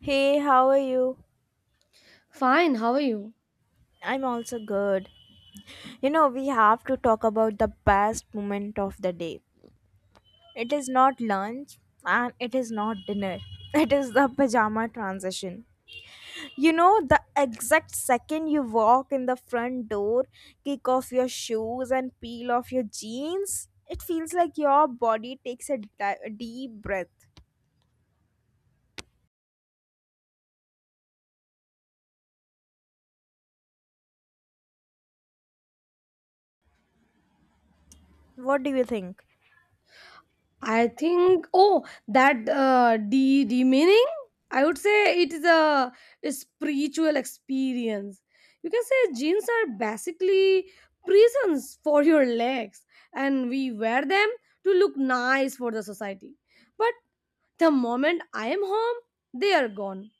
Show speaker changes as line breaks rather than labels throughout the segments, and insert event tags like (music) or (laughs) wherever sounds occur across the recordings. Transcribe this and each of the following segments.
Hey, how are you?
Fine, how are you?
I'm also good. You know, we have to talk about the best moment of the day. It is not lunch and it is not dinner. (laughs) It is the pajama transition. You know, the exact second you walk in the front door, kick off your shoes, and peel off your jeans, it feels like your body takes a deep breath. What do you think?
I think, oh, that de demeaning. I would say it is a spiritual experience. You can say jeans are basically prisons for your legs, and we wear them to look nice for the society. But the moment I am home, they are gone.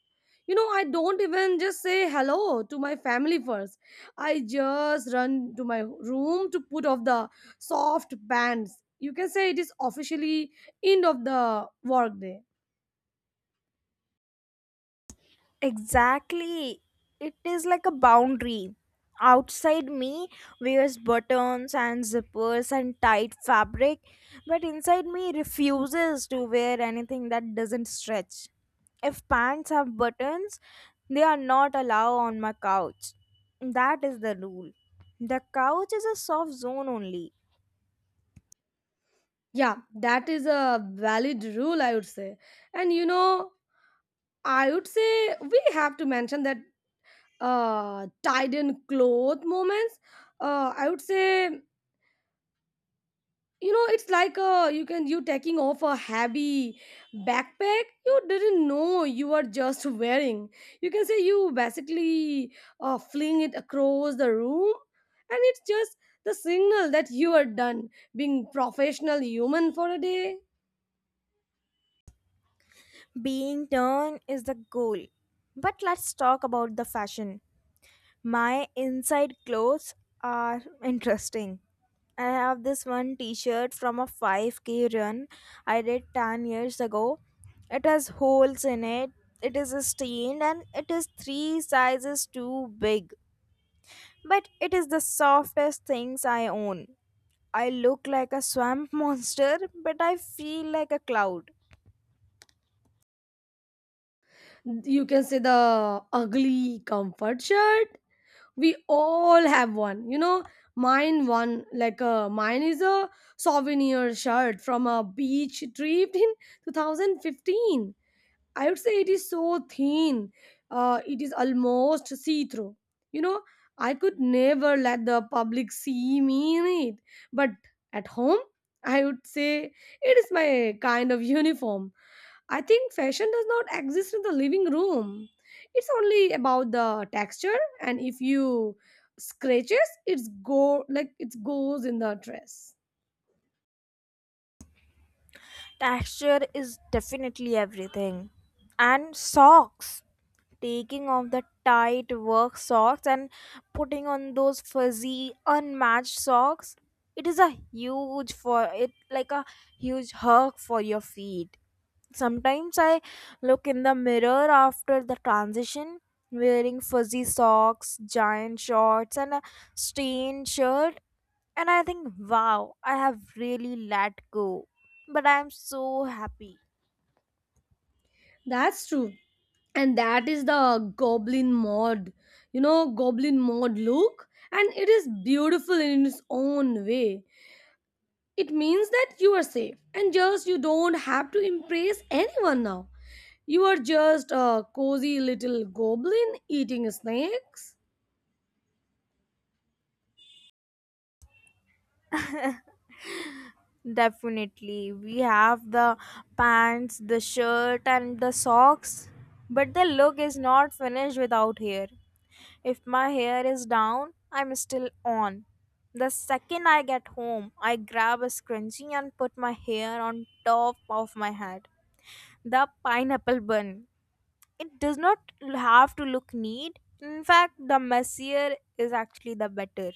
You know, I don't even just say hello to my family first. I just run to my room to put off the soft bands. You can say it is officially end of the workday.
Exactly. It is like a boundary. Outside me wears buttons and zippers and tight fabric, but inside me refuses to wear anything that doesn't stretch. If pants have buttons, they are not allowed on my couch. That is the rule. The couch is a soft zone only.
Yeah, that is a valid rule, I would say. And you know, I would say we have to mention that tied in cloth moments. I would say, you know, it's like you can you taking off a heavy backpack you didn't know you were just wearing. You can say you basically fling it across the room, and it's just the signal that you are done being professional human for a day.
Being done is the goal. But let's talk about the fashion. My inside clothes are interesting. I have this one t-shirt from a 5k run I did 10 years ago. It has holes in it. It is stained and it is 3 sizes too big. But it is the softest things I own. I look like a swamp (laughs) monster, but I feel like a cloud.
You can say the ugly comfort shirt, we all have one, you know. Mine one like, mine is a souvenir shirt from a beach trip in (laughs) 2015. I would say it is so thin. It is almost see through, you know. I could never let the public see me in it, but at home, I would say it is my kind of uniform. I think fashion does not exist in the living room. It's only about the texture, and if you scratches it's go like it goes in the dress.
Texture is definitely everything. And socks. Taking off the tight work socks and putting on those fuzzy unmatched socks, it is a huge hug for your feet. Sometimes I look in the mirror after the transition, wearing fuzzy socks, giant shorts, and a stained shirt, and I think, wow, I have really let go, but I'm so happy.
That's true. And that is the goblin mod. You know, goblin mod look, and it is beautiful in its own way. It means that you are safe and just you don't have to impress anyone now. You are just a cozy little goblin eating snakes.
Definitely. We have the pants, the shirt, and the socks, but the look is not finished without hair. If my hair is down, I'm still on. The second I get home, I grab a scrunchie and put my hair on top of my head. The pineapple bun. It does not have to look neat. In fact, the messier is actually the better.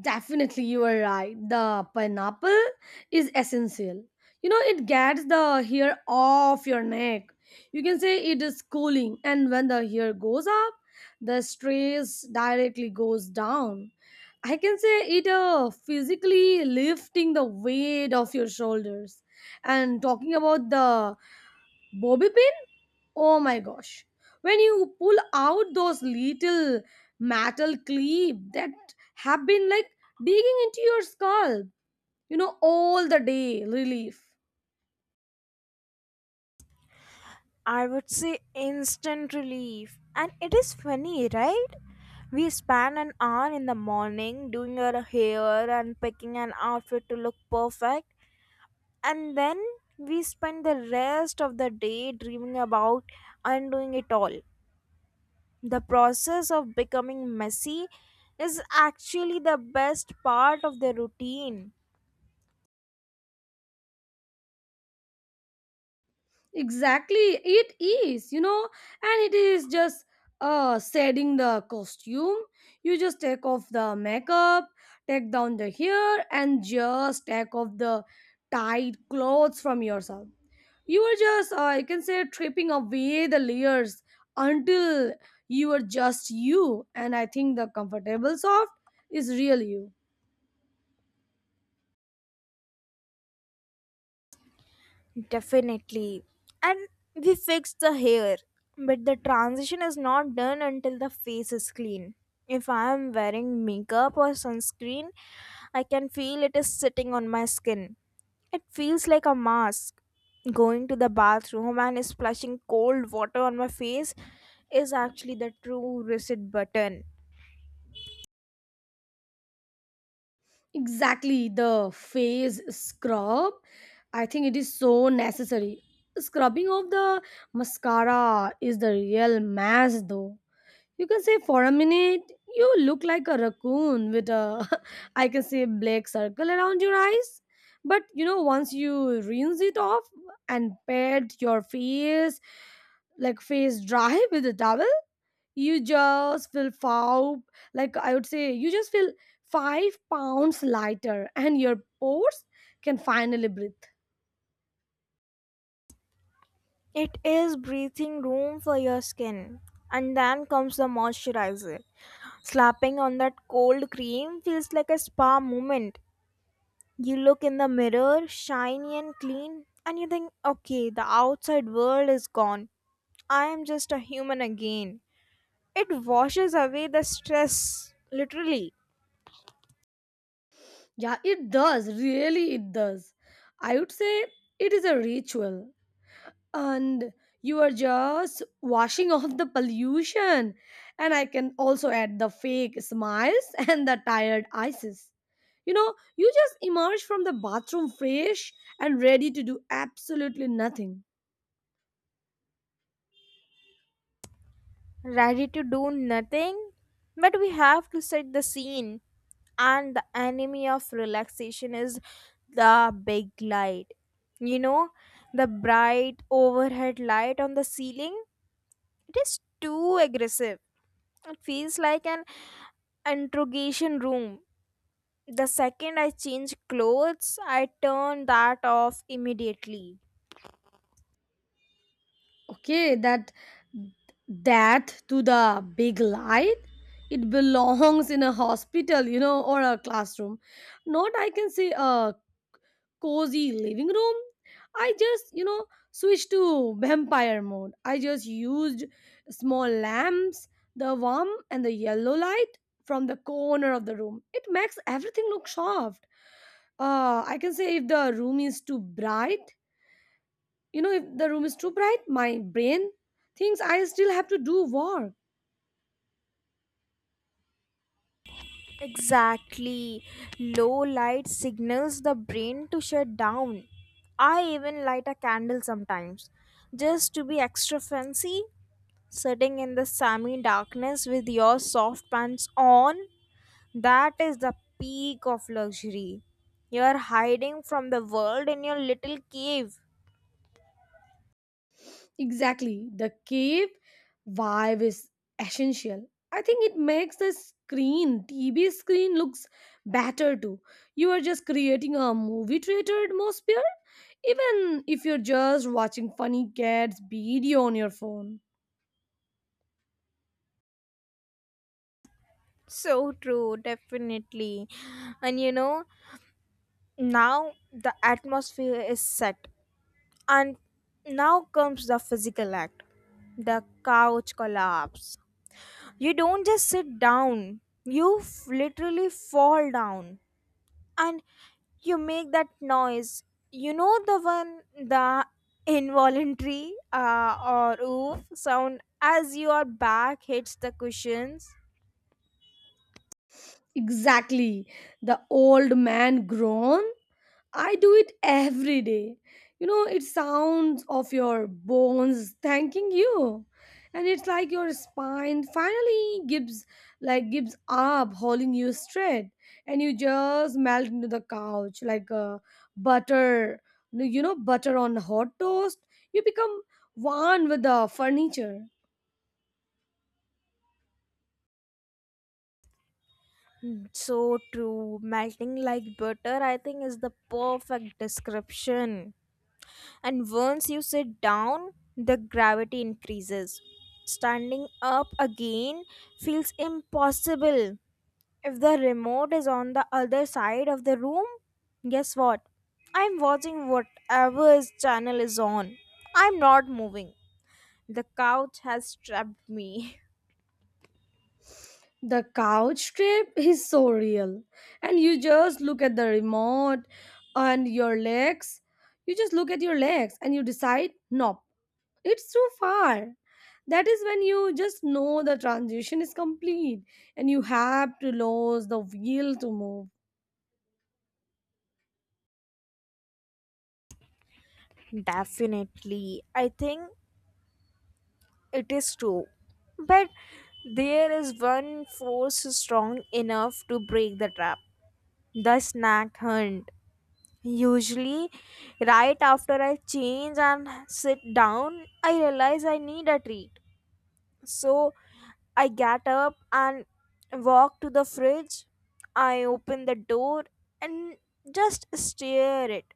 Definitely, you are right. The pineapple is essential. You know, it gets the hair off your neck. You can say it is cooling, and when the hair goes up, the stress directly goes down. I can say it physically lifting the weight of your shoulders. And talking about the bobby pin, oh my gosh. When you pull out those little metal clip that have been like digging into your scalp, you know, all the day. Relief.
I would say instant relief. And it is funny, right? We spend an hour in the morning doing our hair and picking an outfit to look perfect, and then we spend the rest of the day dreaming about undoing it all. The process of becoming messy is actually the best part of the routine.
Exactly, it is, you know, and it is just setting the costume. You just take off the makeup, take down the hair, and just take off the tight clothes from yourself. You are just, you can say, tripping away the layers until you are just you. And I think the comfortable soft is real you.
Definitely. And we fix the hair, but the transition is not done until the face is clean. If I am wearing makeup or sunscreen, I can feel it is sitting on my skin. It feels like a mask. Going to the bathroom and splashing cold water on my face is actually the true reset button.
Exactly, the face scrub. I think it is so necessary. Scrubbing of the mascara is the real mess, though. You can say for a minute, you look like a raccoon with a, (laughs) I can say, black circle around your eyes. But you know, once you rinse it off and pat your face, like face dry (laughs) with a towel, you just feel foul. Like I would say, you just feel 5 pounds lighter, and your pores can finally breathe.
It is breathing room for your skin. And then comes the moisturizer. Slapping on that cold cream feels like a spa moment. You look in the mirror, shiny and clean, and you think, okay, the outside world is gone. I am just a human again. It washes away the stress, literally.
Yeah, it does. Really, it does. I would say it is a ritual, and you are just washing (laughs) off the pollution, and I can also add the fake smiles (laughs) and the tired eyes, you know. You just emerge from the bathroom fresh and ready to do absolutely nothing.
Ready to do nothing. But we have to set the scene, and the enemy of relaxation is the big light. You know, the bright overhead light on the ceiling. It is too aggressive. It feels like an interrogation room. The second I change clothes, I turn that off immediately.
Okay, that to the big light, it belongs in a hospital, you know, or a classroom, not, I can say, a cozy living room. I just, you know, switched to vampire mode. I just used small lamps, the warm and the yellow light from the corner of the room. It makes everything look soft. I can say if the room is too bright, you know, if the room is too bright, my brain thinks I still have to do work.
Exactly. Low light signals the brain to shut down. I even light a candle sometimes, just to be extra fancy. Sitting in the semi darkness with your soft pants on, that is the peak of luxury. You are hiding from the world in your little cave.
Exactly. The cave vibe is essential. I think it makes the screen, TV screen, looks better too. You are just creating a movie theater atmosphere, even if you're just watching funny cats video on your phone.
So true, definitely. And you know, now the atmosphere is set. And now comes the physical act, the couch collapse. You don't just sit down, you literally fall down and you make that noise. You know the one, the involuntary or oof sound as your back hits the cushions.
Exactly. The old man groan. I do it every day. You know, it sounds of your bones thanking you. And it's like your spine finally gives up holding you straight, and you just melt into the couch like a butter, you know, butter on hot toast. You become one with the furniture.
So true. Melting like butter, I think, is the perfect description. And once you sit down, the gravity increases. Standing up again feels impossible. If the remote is on the other side of the room, guess what? I'm watching whatever his channel is on. I'm not moving. The couch has trapped me.
The couch trip is so real. And you just look at the remote and your legs. You just look at your legs and you decide, nope, it's too far. That is when you just know the transition is complete, and you have to lose the wheel to move.
(laughs) Definitely. I think it is true. But there is one force strong enough to break the trap, the snack hunt. Usually, right after I change and sit down, I realize I need a treat. So I get up and walk to the fridge. I open the door and just stare it.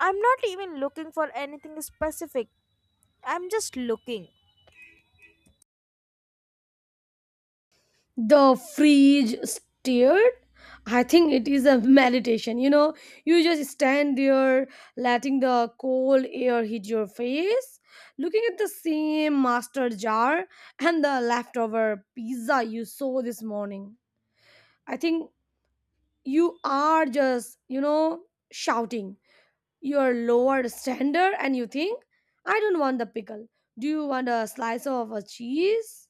I'm not even looking for anything specific. I'm just looking.
The fridge stared. I think it is a meditation. You know, you just stand there, letting the cold air hit your face, looking at the same master jar and the leftover pizza you saw this morning. I think you are just, you know, shouting your lower standard, and you think, I don't want the pickle. Do you want a slice of a cheese?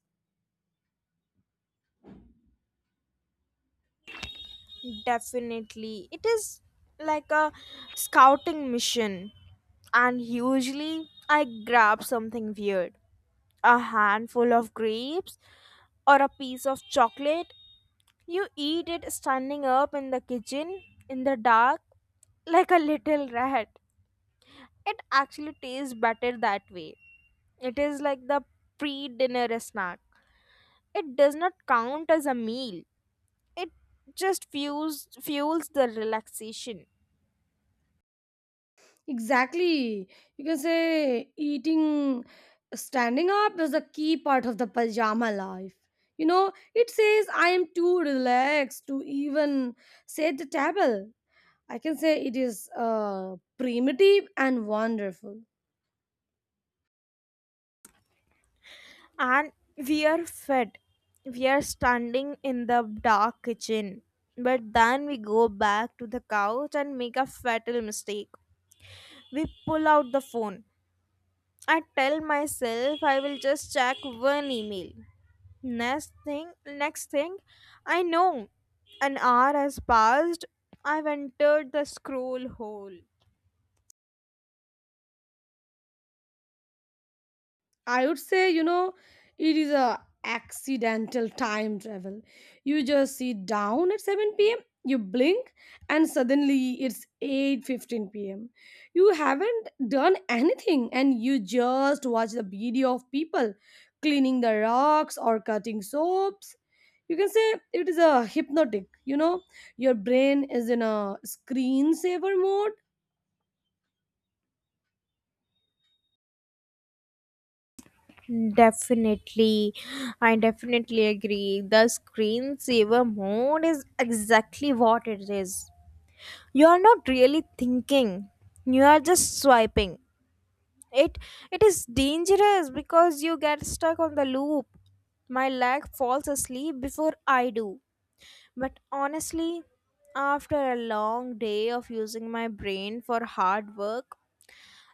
Definitely. It is like a scouting mission, and usually I grab something weird, a handful of grapes or a piece of chocolate. You eat it standing up in the kitchen in the dark like a little rat. It actually tastes better that way. It is like the pre dinner snack. It does not count as a meal, it just fuels the relaxation.
Exactly. You can say eating standing up is a key part of the pajama life. You know, it says I am too relaxed to even set the table. I can say it is primitive and wonderful.
And we are fed, we are standing in the dark kitchen, but then we go back to the couch and make a fatal mistake. We pull out the phone. I tell myself I will just check one email. Next thing I know, an hour has passed. I've entered the scroll hole.
I would say, you know, it is a accidental time travel. You just sit down at 7 p.m., you blink, and suddenly it's 8:15 p.m. You haven't done anything, and you just watch the video of people cleaning the rocks or cutting soaps. You can say it is a hypnotic, you know, your brain is in a screensaver mode.
Definitely, I definitely agree. The screensaver mode is exactly what it is. You are not really thinking, you are just swiping. It it is dangerous because you get stuck on the loop. My leg falls asleep before I do. But honestly, after a long day of using my brain for hard work,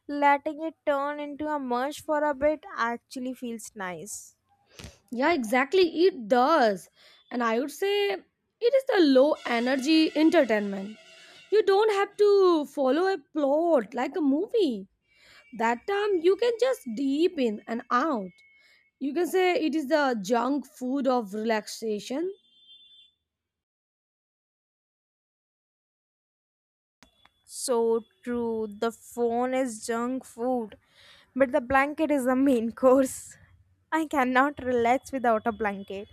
letting it turn into a mush for a bit actually feels nice.
Yeah, exactly. It does. And I would say it is the low energy entertainment. You don't have to follow a plot like a movie. That time you can just deep in and out. You can say it is the junk food of relaxation.
So true. The phone is junk food, but the blanket is the main (laughs) course. I cannot relax without a blanket,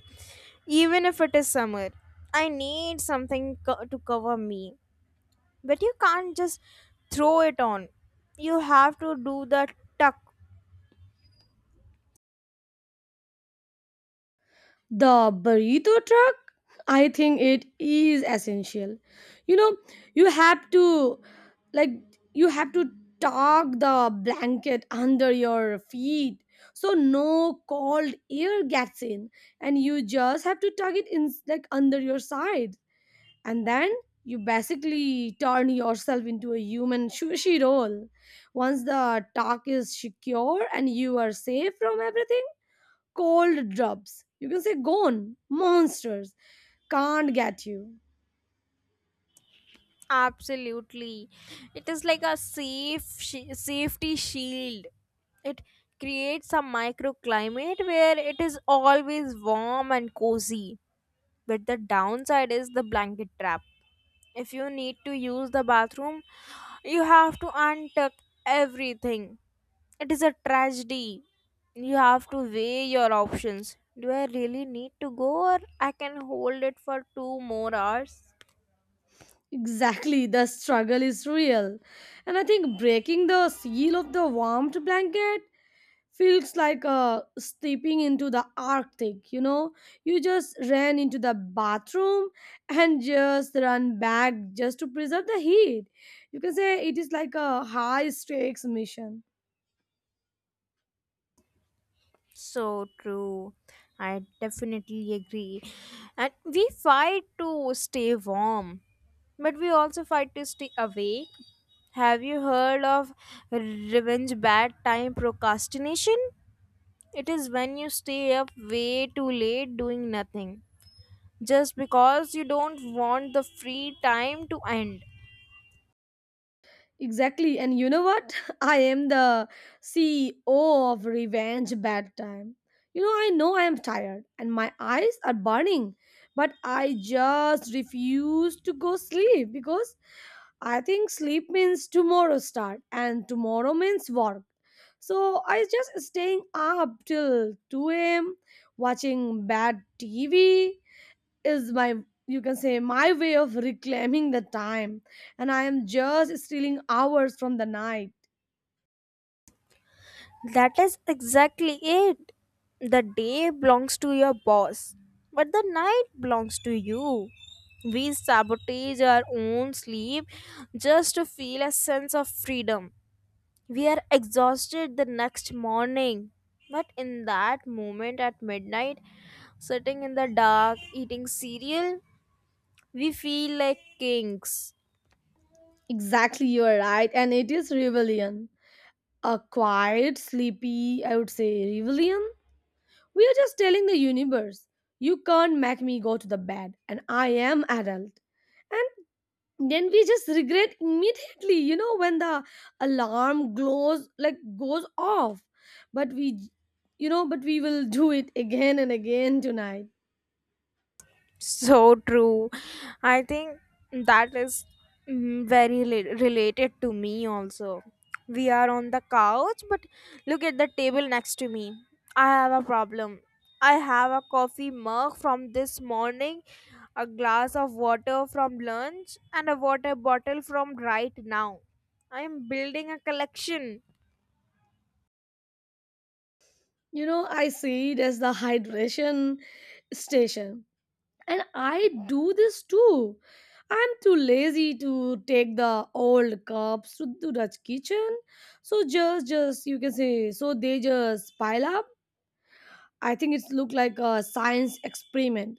even if it is summer. I need to cover me. But you can't just throw it on. You have to do the tuck.
The burrito truck, I think, it is essential. You know, you have to like you have to tuck the blanket under your feet so no cold air gets in, and you just have to tuck it in like under your side, and then you basically turn yourself into a human sushi roll. Once the tuck is secure and you are safe from everything, cold drops. You can say, gone, monsters, can't get you.
Absolutely. It is like a safety shield. It creates a microclimate where it is always warm and cozy. But the downside is the blanket trap. If you need to use the bathroom, you have to untuck everything. It is a tragedy. You have to weigh your options. Do I really need to go or I can hold it for two more hours?
Exactly, the struggle is real. And I think breaking the seal of the warmed blanket feels like stepping into the Arctic, you know? You just ran into the bathroom and just run back just to preserve the heat. You can say it is like a high stakes mission.
So true. I definitely agree. And we fight to stay warm, but we also fight to stay awake. Have you heard of revenge bad time procrastination? It is when you stay up way too late doing nothing just because you don't want the free time to end.
Exactly. And you know what? (laughs) I am the CEO of Revenge Bad Time. You know I am tired and my eyes are burning, but I just refuse to go sleep because I think sleep means tomorrow start and tomorrow means work. So I just staying up till 2 a.m. watching bad TV is my, you can say, my way of reclaiming the time, and I am just stealing hours from the night.
That is exactly it. The day belongs to your boss, but the night belongs to you. We sabotage our own sleep just to feel a sense of freedom. We are exhausted the next morning. But in that moment at midnight, sitting in the dark, eating cereal, we feel like kings.
Exactly, you are right, and it is rebellion, a quiet sleepy, I would say, rebellion. We are just telling the universe, you can't make me go to the bed, and I am adult. And then we just regret immediately, you know, when the alarm glows like goes off. But we, you know, but we will do it again and again tonight.
(laughs) So true. I think that is very related to me also. We are on the couch, but look at the table next to me. I have a problem. I have a coffee mug from this morning, a glass of water from lunch, and a water bottle from right now. I am building a collection.
You know, I see it as the hydration station. And I do this too. I'm too lazy to take the old cups to the kitchen. So just you can say so they just pile up. I think it's look like a science experiment.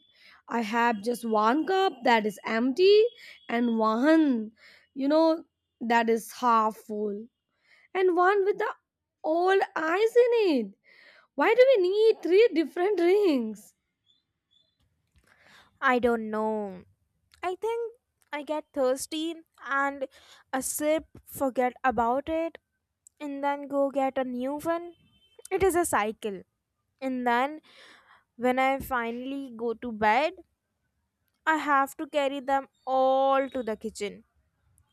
I have just one cup that is empty, and one, you know, that is half full, and one with the old ice in it. Why do we need three different rings?
I don't know. I think I get thirsty and a sip, forget about it, and then go get a new one. It is a cycle. And then when I finally go to bed, I have to carry them all to the kitchen.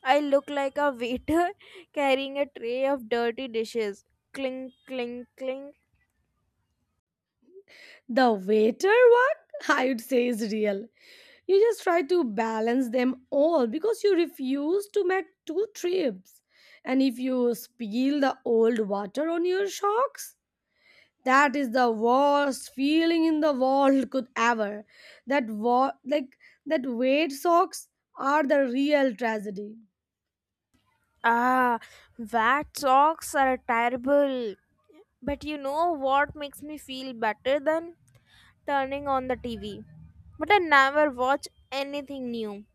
I look like a waiter (laughs) carrying a tray of dirty dishes. Clink, clink, clink.
The waiter work, I would say, is real. You just try to balance them all because you refuse to make two trips. And if you spill the old water on your socks, that is the worst feeling in the world could ever. That wa- like that wet socks are the real tragedy.
Ah, wet socks are terrible. But you know what makes me feel better than turning on the TV? But I never watch anything new.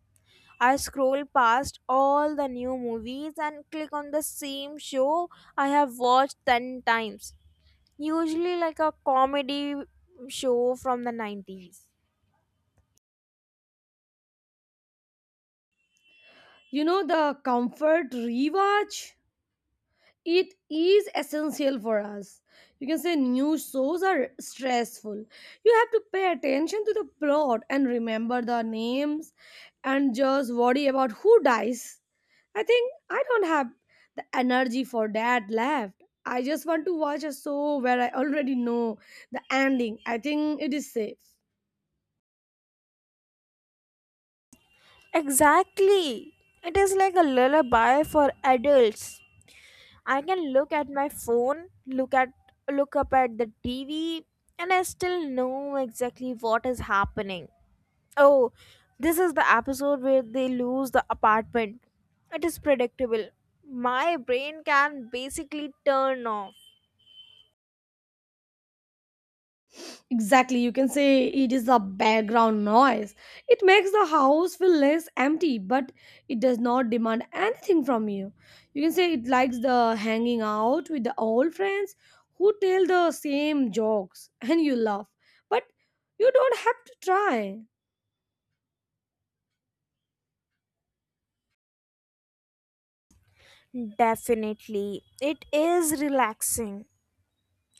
I scroll past all the new movies and click on the same show I have watched 10 times. Usually, like a comedy show from the 90s.
You know the comfort rewatch? It is essential for us. You can say news shows are stressful. You have to pay attention to the plot and remember the names and just worry about who dies. I think I don't have the energy for that left. I just want to watch a show where I already know the ending. I think it is safe.
Exactly. It is like a lullaby for adults. I can look at my phone, look up at the TV and I still know exactly what is happening. Oh, this is the episode where they lose the apartment. It is predictable. My brain can basically turn off.
Exactly, you can say it is the background noise. It makes the house feel less empty, but it does not demand anything from you. You can say it likes the hanging out with the old friends who tell the same jokes and you laugh, but you don't have to try.
Definitely. It is relaxing,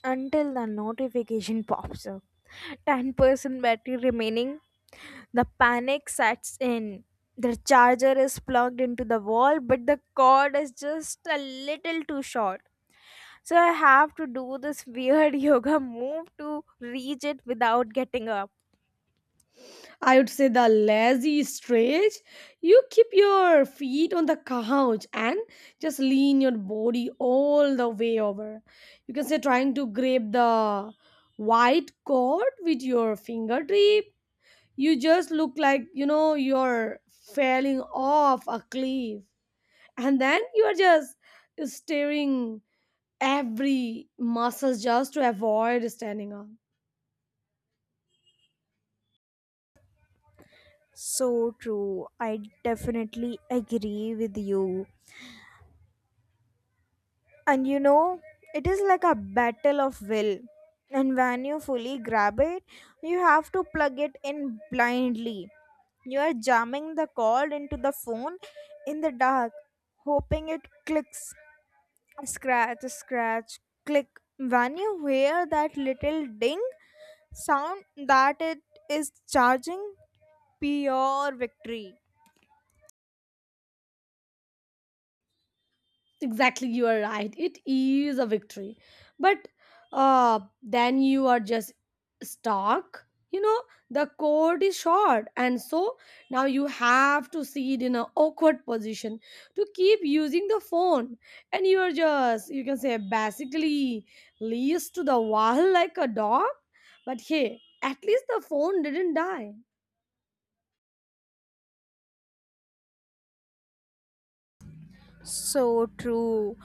until the notification pops up, 10% battery remaining. The panic sets in. The charger is plugged into the wall, but the cord is just a little too short, so I have to do this weird (laughs) yoga move to reach it without getting up.
I would say the lazy stretch. You keep your feet on the couch and just lean your body all the way over. You can say trying to grab the white cord with your fingertip. You just look like, you know, you're falling off a cliff. And then you are just staring every muscle just to avoid standing up.
So true, I definitely agree with you. And you know, it is like a battle of will. And when you fully grab it, you have to plug it in blindly. You are jamming the cord into the phone in the dark, hoping it clicks. Scratch, scratch, click. When you hear that little ding sound that it is charging, pure victory.
Exactly, you are right. It is a victory, but then you are just stuck, you know, the cord is short, and so now you have to sit in an awkward position to keep using the phone, and you are just, you can say, basically leased to the wall like a dog. But hey, at least the phone didn't die.
So true.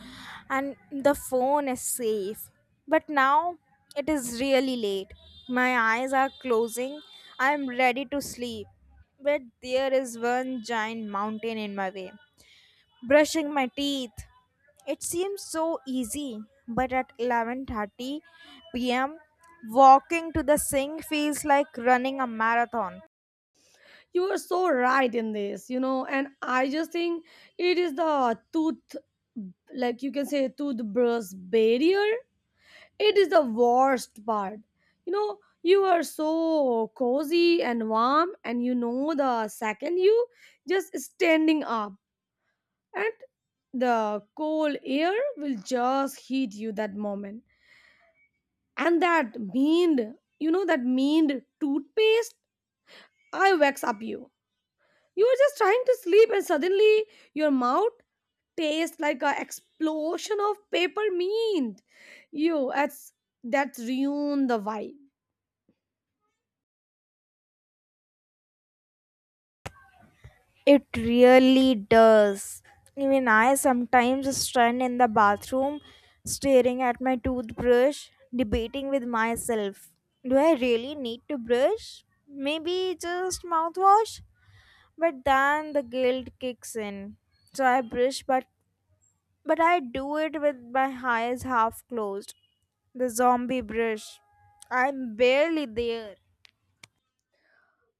And the phone is safe. But now it is really late. My eyes are closing. I am ready to sleep. But there is one giant mountain in my way. Brushing my teeth. It seems so easy, but at 11:30 p.m., walking to the sink feels like running a marathon.
You are so right in this, you know, and I just think it is the tooth, like you can say, toothbrush barrier. It is the worst part. You know, you are so cozy and warm, and you know, the second you just standing up, and the cold air will just hit you that moment. And that mean, you know, that mean toothpaste, I wax up you you are just trying to sleep, and suddenly your mouth tastes like an explosion of peppermint. You, that's ruined the vibe.
It really does. Even I sometimes stand in the bathroom staring at my toothbrush, debating with myself. Do I really need to brush? Maybe just mouthwash? But then the guilt kicks in. So I brush, but I do it with my eyes half closed. The zombie brush. I'm barely there.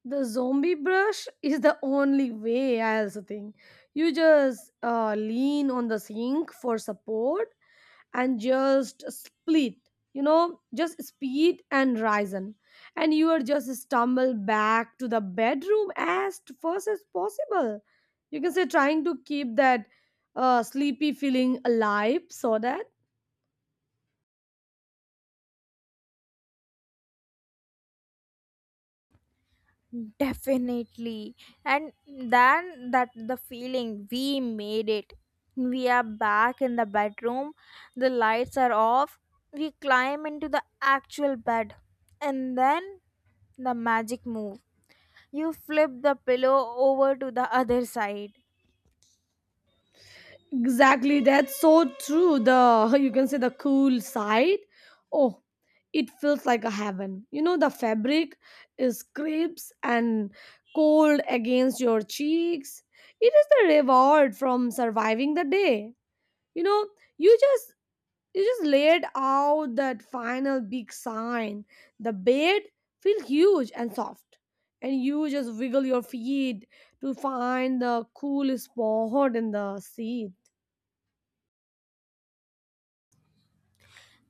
The zombie brush is the only way, I also think. You just lean on the sink for support and just split, you know, just split and risen, and you are just stumble back to the bedroom as fast as possible. You can say trying to keep that sleepy feeling alive so that.
Definitely. And then that the feeling, we made it. We are back in the bedroom, the lights are off, we climb into the actual bed, and then the magic move. You flip the pillow over to the other side.
Exactly, that's so true. The (laughs) you can say the cool side. Oh, it feels like a heaven. You know, the fabric is crisp and cold against your cheeks. It is the reward from surviving the day. You know, you just laid out that final big sign. The bed feels huge and soft. And you just wiggle your feet to find the cool spot in the seat.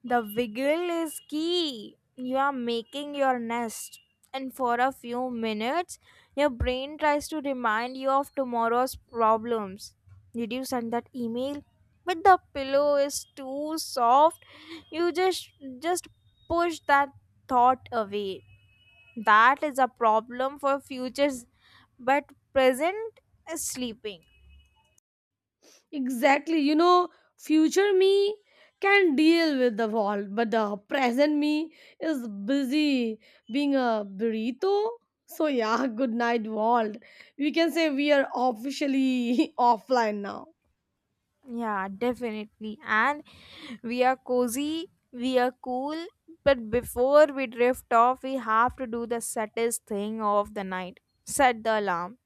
The wiggle is key. You are making your nest, and for a few minutes, your brain tries to remind you of tomorrow's problems. Did you send that email? But the pillow is too soft. You just push that thought away. That is a problem for futures, but present is sleeping.
Exactly. You know, future me can deal with the wall, but the present me is busy being a burrito. So, yeah, (laughs) good night, world. We can say we are officially (laughs) offline now.
Yeah, definitely. And we are cozy, we are cool, but before we drift off, we have to do the saddest thing of the night, set the alarm.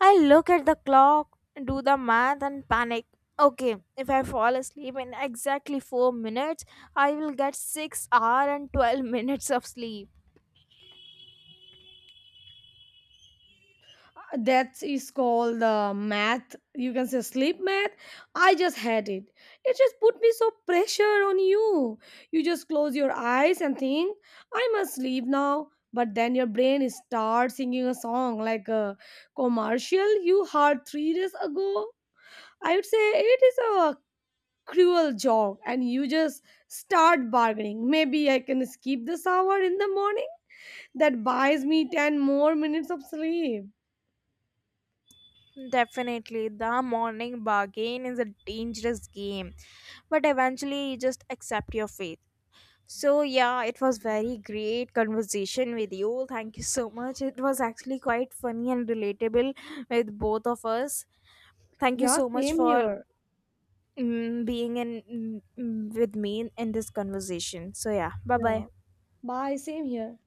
I look at the clock, do the math, and panic. Okay, if I fall asleep in exactly 4 minutes, I will get 6 hour and 12 (laughs) minutes of sleep.
That is called the math, you can say, sleep math. I just had it. It just put me so pressure on you. You just close your eyes and think, I must sleep now. But then your brain starts singing a song like a commercial you heard 3 days ago. I would say it is a cruel joke, and you just start bargaining, maybe I can skip this hour in the morning, that buys me 10 more minutes of sleep.
Definitely, the morning bargain is a dangerous game, but eventually, you just accept your fate. So, yeah, it was very great conversation with you. Thank you so much. It was actually quite funny and relatable with both of us. Thank you
Yeah,
so much
same
for
here.
being with me in this conversation. So, yeah, bye bye.
Yeah. Bye. Same here.